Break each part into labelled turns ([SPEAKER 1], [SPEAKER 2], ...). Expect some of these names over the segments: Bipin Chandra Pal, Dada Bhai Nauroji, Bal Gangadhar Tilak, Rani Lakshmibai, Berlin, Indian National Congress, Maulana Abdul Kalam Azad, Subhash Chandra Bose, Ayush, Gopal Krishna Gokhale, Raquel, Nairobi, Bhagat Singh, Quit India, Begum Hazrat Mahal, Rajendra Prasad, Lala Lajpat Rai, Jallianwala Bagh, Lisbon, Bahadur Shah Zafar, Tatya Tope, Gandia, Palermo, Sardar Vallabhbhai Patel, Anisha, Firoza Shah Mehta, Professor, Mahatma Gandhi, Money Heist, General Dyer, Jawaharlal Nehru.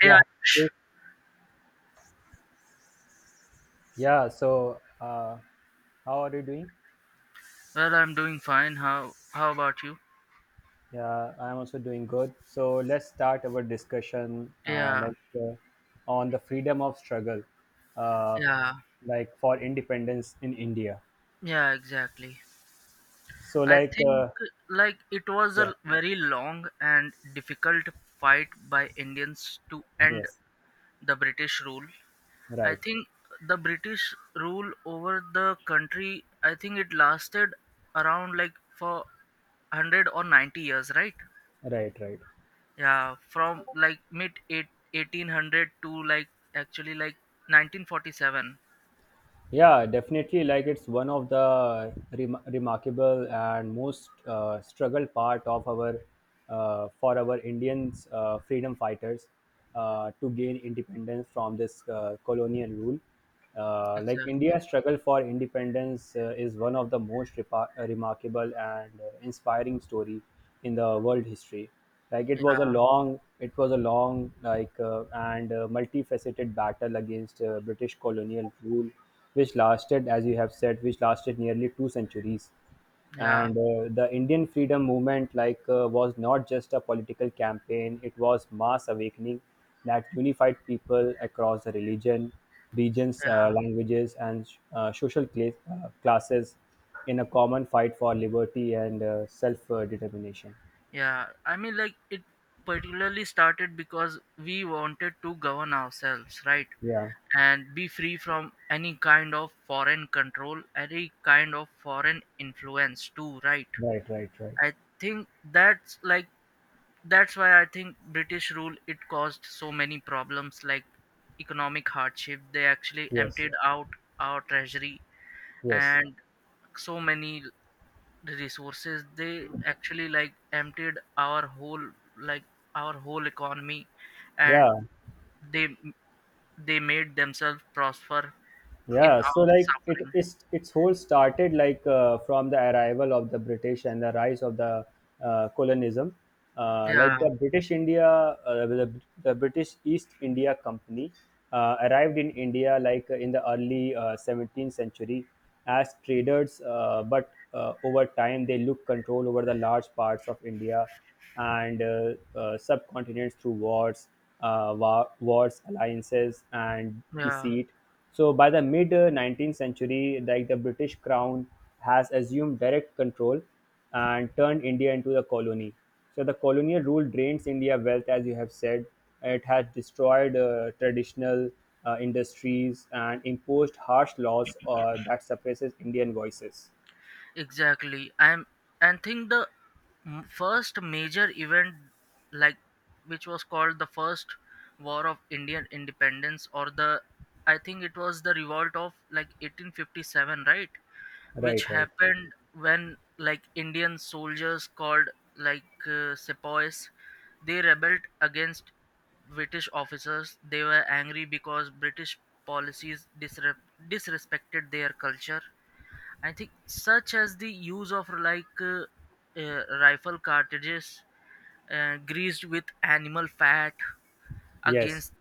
[SPEAKER 1] Hey
[SPEAKER 2] Yeah. Yes.
[SPEAKER 1] Ayush.
[SPEAKER 2] Yeah, so how are you doing?
[SPEAKER 1] Well, I'm doing fine. how about you?
[SPEAKER 2] Yeah, I'm also doing good. So let's start our discussion
[SPEAKER 1] Yeah,
[SPEAKER 2] like on the freedom of struggle, uh,
[SPEAKER 1] yeah,
[SPEAKER 2] like for independence in India.
[SPEAKER 1] yeah, exactly.
[SPEAKER 2] So,
[SPEAKER 1] I
[SPEAKER 2] like,
[SPEAKER 1] think like it was
[SPEAKER 2] yeah.
[SPEAKER 1] a very long and difficult fight by Indians to end
[SPEAKER 2] Yes.
[SPEAKER 1] the British rule. I
[SPEAKER 2] Right,
[SPEAKER 1] think the British rule over the country, I think it lasted around like for 100 or 90 years, right?
[SPEAKER 2] right, right.
[SPEAKER 1] Yeah, from like mid 1800 to like actually like 1947.
[SPEAKER 2] Yeah, definitely. Like it's one of the remarkable and most struggled part of our, for our Indians, freedom fighters, to gain independence from this colonial rule. Like
[SPEAKER 1] Exactly.
[SPEAKER 2] India's struggle for independence is one of the most remarkable and inspiring story in the world history. Like it
[SPEAKER 1] Yeah,
[SPEAKER 2] was a long, it was a long like and multifaceted battle against British colonial rule which lasted, as you have said, which lasted nearly 2 centuries.
[SPEAKER 1] yeah,
[SPEAKER 2] And the Indian freedom movement, like, was not just a political campaign; it was mass awakening that unified people across the religion, regions,
[SPEAKER 1] yeah,
[SPEAKER 2] languages, and social classes in a common fight for liberty and self-determination.
[SPEAKER 1] yeah. I mean, like, it particularly started because we wanted to govern ourselves, right?
[SPEAKER 2] Yeah,
[SPEAKER 1] And be free from any kind of foreign control, any kind of foreign influence, too, right?
[SPEAKER 2] right, right, right.
[SPEAKER 1] I think that's like, that's why I think British rule it caused so many problems like economic hardship. They actually
[SPEAKER 2] Yes,
[SPEAKER 1] emptied out our treasury
[SPEAKER 2] yes,
[SPEAKER 1] and so many resources they actually like emptied our whole like our whole economy, and
[SPEAKER 2] yeah.
[SPEAKER 1] they they made themselves prosper in
[SPEAKER 2] Yeah, so
[SPEAKER 1] our
[SPEAKER 2] like it
[SPEAKER 1] suffering.
[SPEAKER 2] is its whole started like, from the arrival of the British and the rise of the colonism. Like
[SPEAKER 1] Yeah,
[SPEAKER 2] the British India, the British East India Company arrived in India like in the early 17th century as traders, but over time they looked control over the large parts of India and, subcontinents through wars, wars, alliances, and
[SPEAKER 1] yeah,
[SPEAKER 2] deceit, so by the mid 19th century, like the British Crown has assumed direct control and turned India into the colony. So the colonial rule drains India wealth, as you have said. It has destroyed traditional industries and imposed harsh laws that suppresses Indian voices.
[SPEAKER 1] exactly. I'm and think the first major event, like, which was called the first war of Indian independence, or the I think it was the revolt of like 1857, right? Which
[SPEAKER 2] Right, right.
[SPEAKER 1] happened when like Indian soldiers called like sepoys, they rebelled against British officers. They were angry because British policies disrespected their culture. I think, such as the use of like rifle cartridges greased with animal fat,
[SPEAKER 2] Yes.
[SPEAKER 1] against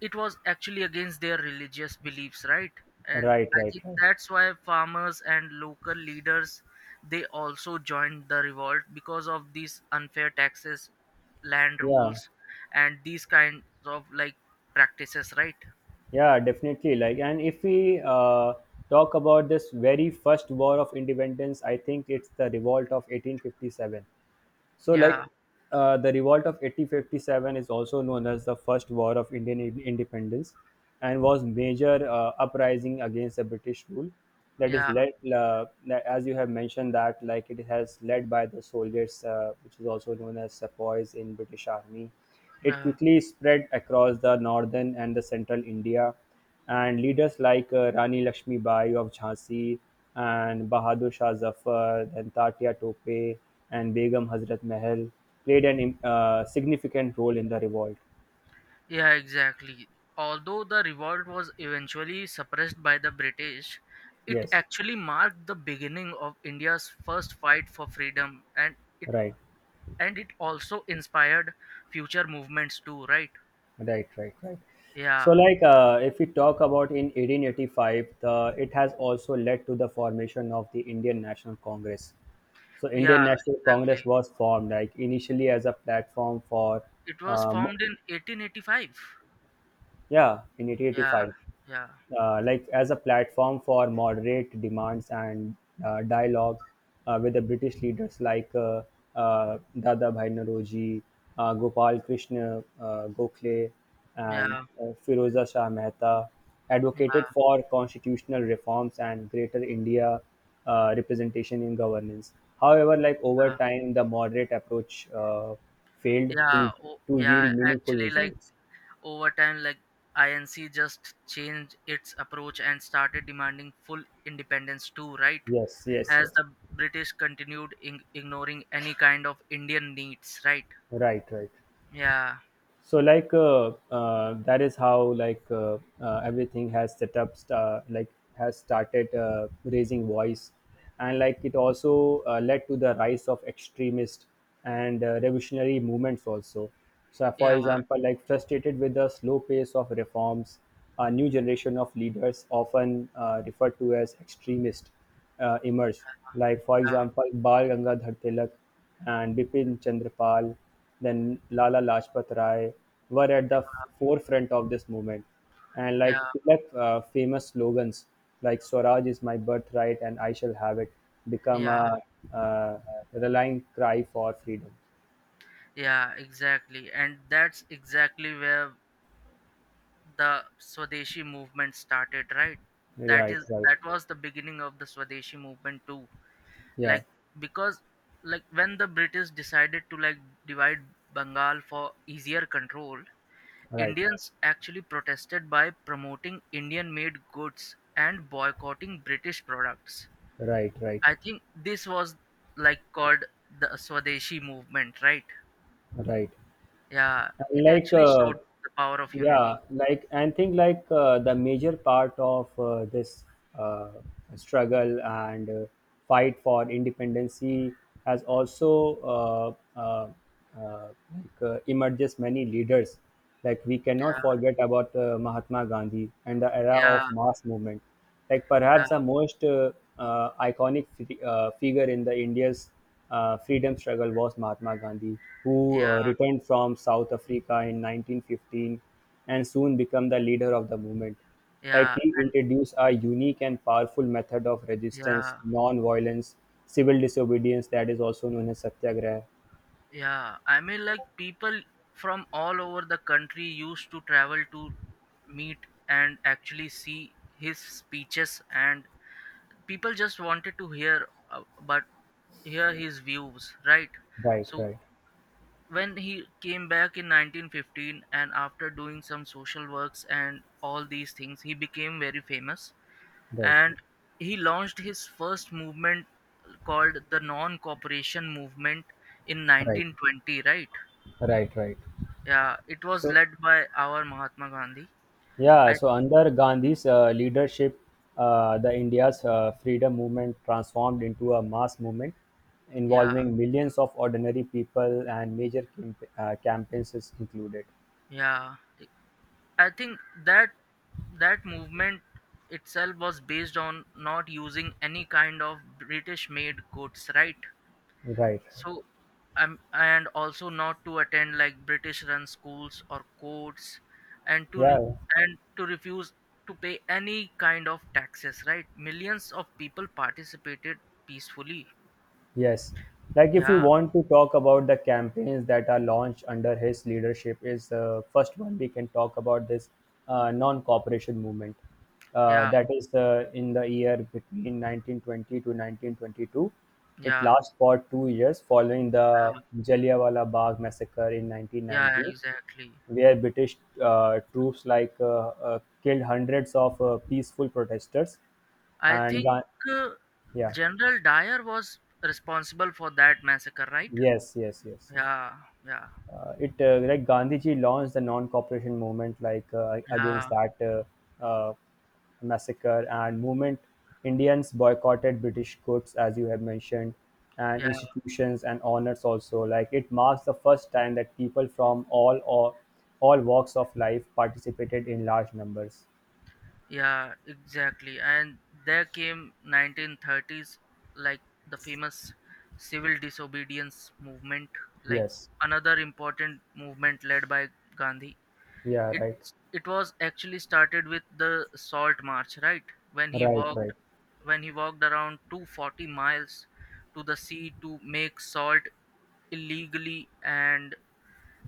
[SPEAKER 1] it was actually against their religious beliefs, right? And
[SPEAKER 2] Right,
[SPEAKER 1] I
[SPEAKER 2] right,
[SPEAKER 1] think
[SPEAKER 2] right.
[SPEAKER 1] that's why farmers and local leaders, they also joined the revolt because of these unfair taxes, land
[SPEAKER 2] Yeah.
[SPEAKER 1] rules, and these kinds of like practices, right?
[SPEAKER 2] Yeah, definitely. Like, and if we talk about this very first war of independence, I think it's the revolt of 1857. So,
[SPEAKER 1] Yeah,
[SPEAKER 2] like, the revolt of 1857 is also known as the first war of Indian independence and was major uprising against the British rule that is
[SPEAKER 1] yeah,
[SPEAKER 2] led as you have mentioned that like it has led by the soldiers which is also known as sepoys in British army. It
[SPEAKER 1] yeah,
[SPEAKER 2] quickly spread across the northern and the central India, and leaders like Rani Lakshmibai of Jhansi and Bahadur Shah Zafar, then Tatya Tope and Begum Hazrat Mahal played an significant role in the revolt.
[SPEAKER 1] yeah, exactly. Although the revolt was eventually suppressed by the British, it
[SPEAKER 2] Yes,
[SPEAKER 1] actually marked the beginning of India's first fight for freedom, and it
[SPEAKER 2] right,
[SPEAKER 1] it also inspired future movements too, right?
[SPEAKER 2] right, right, right. So,
[SPEAKER 1] Yeah,
[SPEAKER 2] like, if we talk about in 1885, it has also led to the formation of the Indian National Congress. So, Indian
[SPEAKER 1] yeah,
[SPEAKER 2] National
[SPEAKER 1] exactly.
[SPEAKER 2] Congress was formed, like, initially as a platform for,
[SPEAKER 1] It was
[SPEAKER 2] um,
[SPEAKER 1] formed in 1885.
[SPEAKER 2] yeah, in
[SPEAKER 1] Yeah,
[SPEAKER 2] 1885.
[SPEAKER 1] yeah,
[SPEAKER 2] Like as a platform for moderate demands and dialogue with the British leaders like, Dada Bhai Nauroji, Gopal Krishna Gokhale, and
[SPEAKER 1] yeah,
[SPEAKER 2] Firoza Shah Mehta, advocated
[SPEAKER 1] yeah,
[SPEAKER 2] for constitutional reforms and greater India representation in governance. However, like over
[SPEAKER 1] yeah,
[SPEAKER 2] time, the moderate approach failed
[SPEAKER 1] yeah,
[SPEAKER 2] to to
[SPEAKER 1] yeah.
[SPEAKER 2] yield meaningful
[SPEAKER 1] Actually like
[SPEAKER 2] results.
[SPEAKER 1] over time, like INC just changed its approach and started demanding full independence too, right?
[SPEAKER 2] Yes, yes,
[SPEAKER 1] As
[SPEAKER 2] yes.
[SPEAKER 1] the British continued ignoring any kind of Indian needs, right?
[SPEAKER 2] Right, right.
[SPEAKER 1] Yeah,
[SPEAKER 2] So like, that is how like, everything has set up sta like has started raising voice, and like it also led to the rise of extremist and revolutionary movements also. So for
[SPEAKER 1] yeah,
[SPEAKER 2] example, like, frustrated with the slow pace of reforms, a new generation of leaders often referred to as extremist emerged, like for
[SPEAKER 1] yeah,
[SPEAKER 2] example Bal Gangadhar Tilak and Bipin Chandra Pal, then Lala Lajpat Rai, were at the forefront of this movement. And
[SPEAKER 1] yeah,
[SPEAKER 2] like Tilak, famous slogans like Swaraj is my birthright and I shall have it, become
[SPEAKER 1] yeah.
[SPEAKER 2] a uh, relying cry for freedom.
[SPEAKER 1] Yeah, exactly. And that's exactly where the Swadeshi movement started, right?
[SPEAKER 2] Right, right.
[SPEAKER 1] That was the beginning of the Swadeshi movement too.
[SPEAKER 2] Yeah,
[SPEAKER 1] Like because like when the British decided to like divide Bengal for easier control,
[SPEAKER 2] right,
[SPEAKER 1] Indians actually protested by promoting Indian made goods and boycotting British products.
[SPEAKER 2] right, right,
[SPEAKER 1] I think this was like called the Swadeshi movement, right?
[SPEAKER 2] right.
[SPEAKER 1] Yeah,
[SPEAKER 2] And
[SPEAKER 1] it
[SPEAKER 2] like,
[SPEAKER 1] actually showed the power of
[SPEAKER 2] yeah,
[SPEAKER 1] unity.
[SPEAKER 2] like and think like, the major part of this uh, struggle and fight for independency has also, uh, like, emerges many leaders, like we cannot forget about Mahatma Gandhi and the era
[SPEAKER 1] Yeah,
[SPEAKER 2] of mass movement. Like
[SPEAKER 1] yeah,
[SPEAKER 2] perhaps the most, iconic figure in the India's freedom struggle was Mahatma Gandhi,
[SPEAKER 1] yeah,
[SPEAKER 2] who
[SPEAKER 1] yeah,
[SPEAKER 2] returned from South Africa in 1915 and soon became the leader of the movement. Like
[SPEAKER 1] yeah,
[SPEAKER 2] he
[SPEAKER 1] and
[SPEAKER 2] introduced a unique and powerful method of resistance,
[SPEAKER 1] yeah,
[SPEAKER 2] non-violence, civil disobedience that is also known as satyagraha.
[SPEAKER 1] yeah. I mean, like, people from all over the country used to travel to meet and actually see his speeches, and people just wanted to hear his views, right?
[SPEAKER 2] Right,
[SPEAKER 1] So
[SPEAKER 2] right,
[SPEAKER 1] when he came back in 1915, and after doing some social works and all these things, he became very famous,
[SPEAKER 2] right,
[SPEAKER 1] and he launched his first movement called the non-cooperation movement in
[SPEAKER 2] right,
[SPEAKER 1] 1920, right?
[SPEAKER 2] right, right.
[SPEAKER 1] Yeah, it was
[SPEAKER 2] So,
[SPEAKER 1] led by our Mahatma Gandhi.
[SPEAKER 2] yeah,
[SPEAKER 1] I
[SPEAKER 2] so under Gandhi's leadership, the India's freedom movement transformed into a mass movement
[SPEAKER 1] Yeah,
[SPEAKER 2] involving millions of ordinary people, and major campaigns is included.
[SPEAKER 1] yeah, I think that that movement itself was based on not using any kind of British-made goods, right?
[SPEAKER 2] Right.
[SPEAKER 1] So and also not to attend like British run schools or courts, and
[SPEAKER 2] Yeah.
[SPEAKER 1] and to refuse to pay any kind of taxes, right? Millions of people participated peacefully.
[SPEAKER 2] Yes. Like if you
[SPEAKER 1] Yeah,
[SPEAKER 2] want to talk about the campaigns that are launched under his leadership, is the first one we can talk about this non-cooperation movement.
[SPEAKER 1] yeah,
[SPEAKER 2] That is in the year between 1920 to 1922. It
[SPEAKER 1] yeah,
[SPEAKER 2] lasts for 2 years following the
[SPEAKER 1] yeah,
[SPEAKER 2] Jallianwala Bagh massacre in
[SPEAKER 1] yeah,
[SPEAKER 2] 1919,
[SPEAKER 1] exactly.
[SPEAKER 2] where British troops like, killed hundreds of peaceful protesters,
[SPEAKER 1] I
[SPEAKER 2] and
[SPEAKER 1] think
[SPEAKER 2] Ga-
[SPEAKER 1] uh,
[SPEAKER 2] yeah.
[SPEAKER 1] General Dyer was responsible for that massacre, right?
[SPEAKER 2] Yes, yes, yes, yes.
[SPEAKER 1] Yeah, yeah,
[SPEAKER 2] It like Gandhiji launched the non-cooperation movement, like, against
[SPEAKER 1] yeah,
[SPEAKER 2] that uh, uh, massacre and movement. Indians boycotted British goods, as you have mentioned, and
[SPEAKER 1] yeah.
[SPEAKER 2] institutions and honors also. Like it marks the first time that people from all walks of life participated in large numbers.
[SPEAKER 1] Yeah, exactly. And there came 1930s, like the famous civil disobedience movement, like
[SPEAKER 2] Yes.
[SPEAKER 1] another important movement led by Gandhi.
[SPEAKER 2] Yeah.
[SPEAKER 1] It
[SPEAKER 2] Right.
[SPEAKER 1] it was actually started with the Salt March, right? When he
[SPEAKER 2] Right.
[SPEAKER 1] walked
[SPEAKER 2] Right.
[SPEAKER 1] when he walked around 240 miles to the sea to make salt illegally and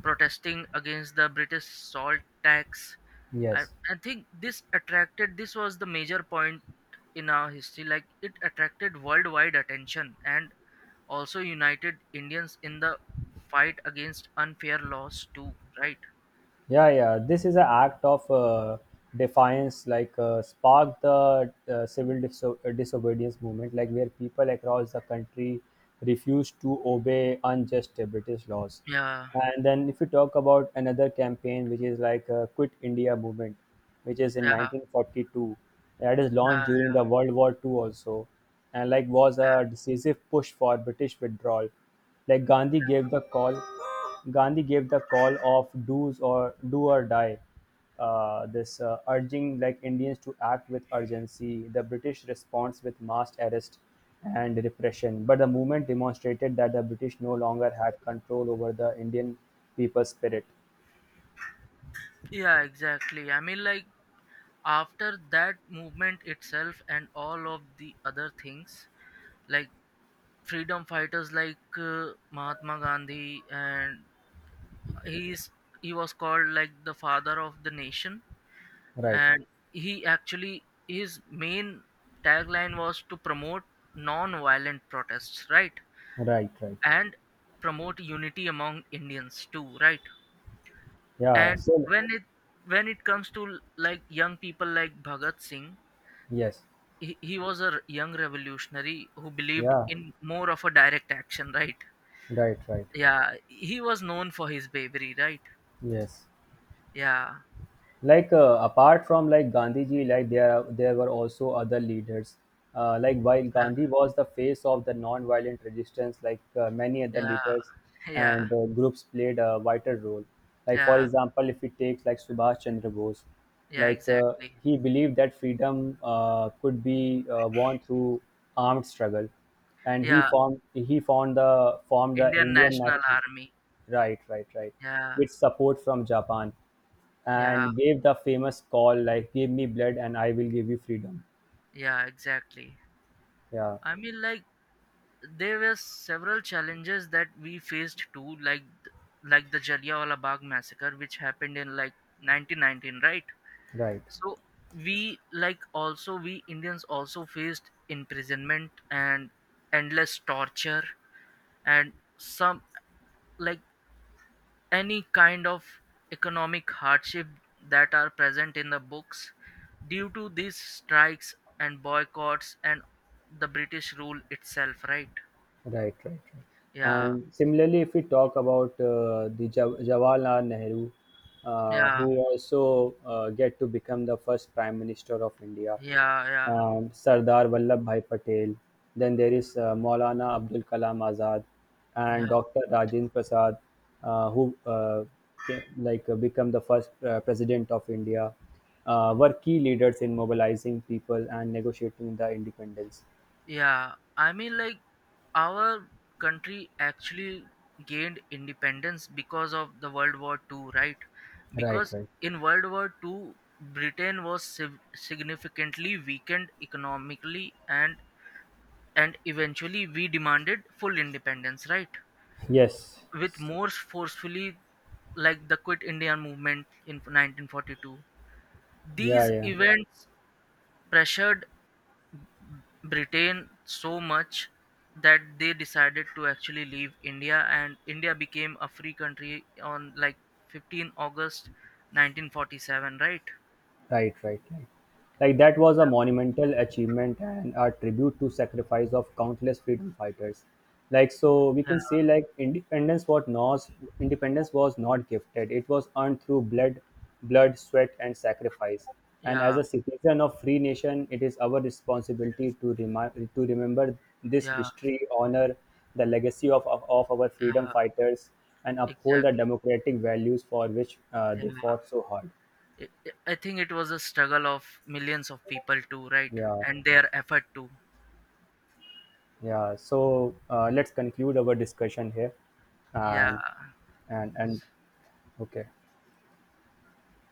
[SPEAKER 1] protesting against the British salt tax. I,
[SPEAKER 2] Yes.
[SPEAKER 1] I think this was the major point in our history. Like it attracted worldwide attention and also united Indians in the fight against unfair laws too, right?
[SPEAKER 2] Yeah, yeah. This is an act of defiance, like, sparked the civil disobedience movement, like where people across the country refused to obey unjust British laws.
[SPEAKER 1] Yeah,
[SPEAKER 2] And then, if you talk about another campaign, which is like, Quit India movement, which is in
[SPEAKER 1] yeah,
[SPEAKER 2] 1942, that is
[SPEAKER 1] yeah,
[SPEAKER 2] launched during the World War II also, and like was a
[SPEAKER 1] yeah,
[SPEAKER 2] decisive push for British withdrawal. Like Gandhi gave the call. Gandhi gave the call of do's or "do or die". This, urging like Indians to act with urgency. The British response with mass arrest and repression, but the movement demonstrated that the British no longer had control over the Indian people's spirit.
[SPEAKER 1] yeah, exactly. I mean, like, after that movement itself and all of the other things, like freedom fighters like Mahatma Gandhi, and he's he was called like the father of the nation,
[SPEAKER 2] Right,
[SPEAKER 1] and he actually his main tagline was to promote non-violent protests, right?
[SPEAKER 2] right, right.
[SPEAKER 1] And promote unity among Indians too, right?
[SPEAKER 2] Yeah.
[SPEAKER 1] And
[SPEAKER 2] So
[SPEAKER 1] when it comes to like young people like Bhagat Singh,
[SPEAKER 2] yes.
[SPEAKER 1] he was a young revolutionary who believed
[SPEAKER 2] Yeah.
[SPEAKER 1] in more of a direct action, right?
[SPEAKER 2] Right, right.
[SPEAKER 1] Yeah, he was known for his bravery, right?
[SPEAKER 2] Yes.
[SPEAKER 1] Yeah,
[SPEAKER 2] Like, apart from like Gandhiji, like there were also other leaders. Like while
[SPEAKER 1] yeah,
[SPEAKER 2] Gandhi was the face of the non-violent resistance, like, many other
[SPEAKER 1] yeah,
[SPEAKER 2] leaders
[SPEAKER 1] yeah,
[SPEAKER 2] and groups played a vital role. Like for
[SPEAKER 1] yeah.
[SPEAKER 2] example, if we take like Subhash Chandra Bose,
[SPEAKER 1] Yeah,
[SPEAKER 2] like,
[SPEAKER 1] exactly.
[SPEAKER 2] he believed that freedom could be won through armed struggle, and he
[SPEAKER 1] Yeah,
[SPEAKER 2] formed he formed the formed the
[SPEAKER 1] Indian
[SPEAKER 2] Indian
[SPEAKER 1] National
[SPEAKER 2] national.
[SPEAKER 1] Army.
[SPEAKER 2] Right, right, right.
[SPEAKER 1] Yeah,
[SPEAKER 2] With support from Japan
[SPEAKER 1] yeah,
[SPEAKER 2] and gave the famous call like, give me blood and I will give you freedom.
[SPEAKER 1] yeah, exactly.
[SPEAKER 2] Yeah,
[SPEAKER 1] I mean, like there were several challenges that we faced too, like like the Jallianwala Bagh massacre, which happened in like 1919, right?
[SPEAKER 2] right.
[SPEAKER 1] So we like also we Indians also faced imprisonment and endless torture, and some like any kind of economic hardship that are present in the books due to these strikes and boycotts and the British rule itself, right?
[SPEAKER 2] Right, right, right.
[SPEAKER 1] Yeah,
[SPEAKER 2] And similarly, if we talk about the Jawaharlal Nehru, who
[SPEAKER 1] yeah,
[SPEAKER 2] also get to become the first Prime Minister of India,
[SPEAKER 1] yeah, yeah,
[SPEAKER 2] Sardar Vallabhbhai Patel. Then there is Maulana Abdul Kalam Azad and
[SPEAKER 1] yeah,
[SPEAKER 2] Dr. Rajendra Prasad, who came, like, become the first president of India. Were key leaders in mobilizing people and negotiating the independence.
[SPEAKER 1] yeah. I mean, like our country actually gained independence because of the World War II, right?
[SPEAKER 2] Right,
[SPEAKER 1] Because
[SPEAKER 2] right.
[SPEAKER 1] in World War II, Britain was significantly weakened economically, and eventually we demanded full independence, right?
[SPEAKER 2] Yes.
[SPEAKER 1] With more forcefully like the Quit India movement in 1942.
[SPEAKER 2] Yeah,
[SPEAKER 1] These,
[SPEAKER 2] yeah.
[SPEAKER 1] yeah, events pressured Britain so much that they decided to actually leave India, and India became a free country on like 15 August 1947, right?
[SPEAKER 2] Right, right, right. Like that was a monumental achievement and a tribute to sacrifice of countless freedom fighters. Like so we
[SPEAKER 1] Yeah,
[SPEAKER 2] can say, like, independence was not gifted. It was earned through blood, blood, sweat and sacrifice. And as
[SPEAKER 1] yeah,
[SPEAKER 2] a citizen of free nation, it is our responsibility to remember this
[SPEAKER 1] yeah,
[SPEAKER 2] history, honor the legacy of our freedom
[SPEAKER 1] yeah,
[SPEAKER 2] fighters and uphold the
[SPEAKER 1] exactly.
[SPEAKER 2] democratic values for which they
[SPEAKER 1] Yeah.
[SPEAKER 2] fought so hard.
[SPEAKER 1] I I think it was a struggle of millions of people too, right?
[SPEAKER 2] Yeah,
[SPEAKER 1] And their effort too.
[SPEAKER 2] yeah. So, let's conclude our discussion here,
[SPEAKER 1] Yeah,
[SPEAKER 2] and and okay.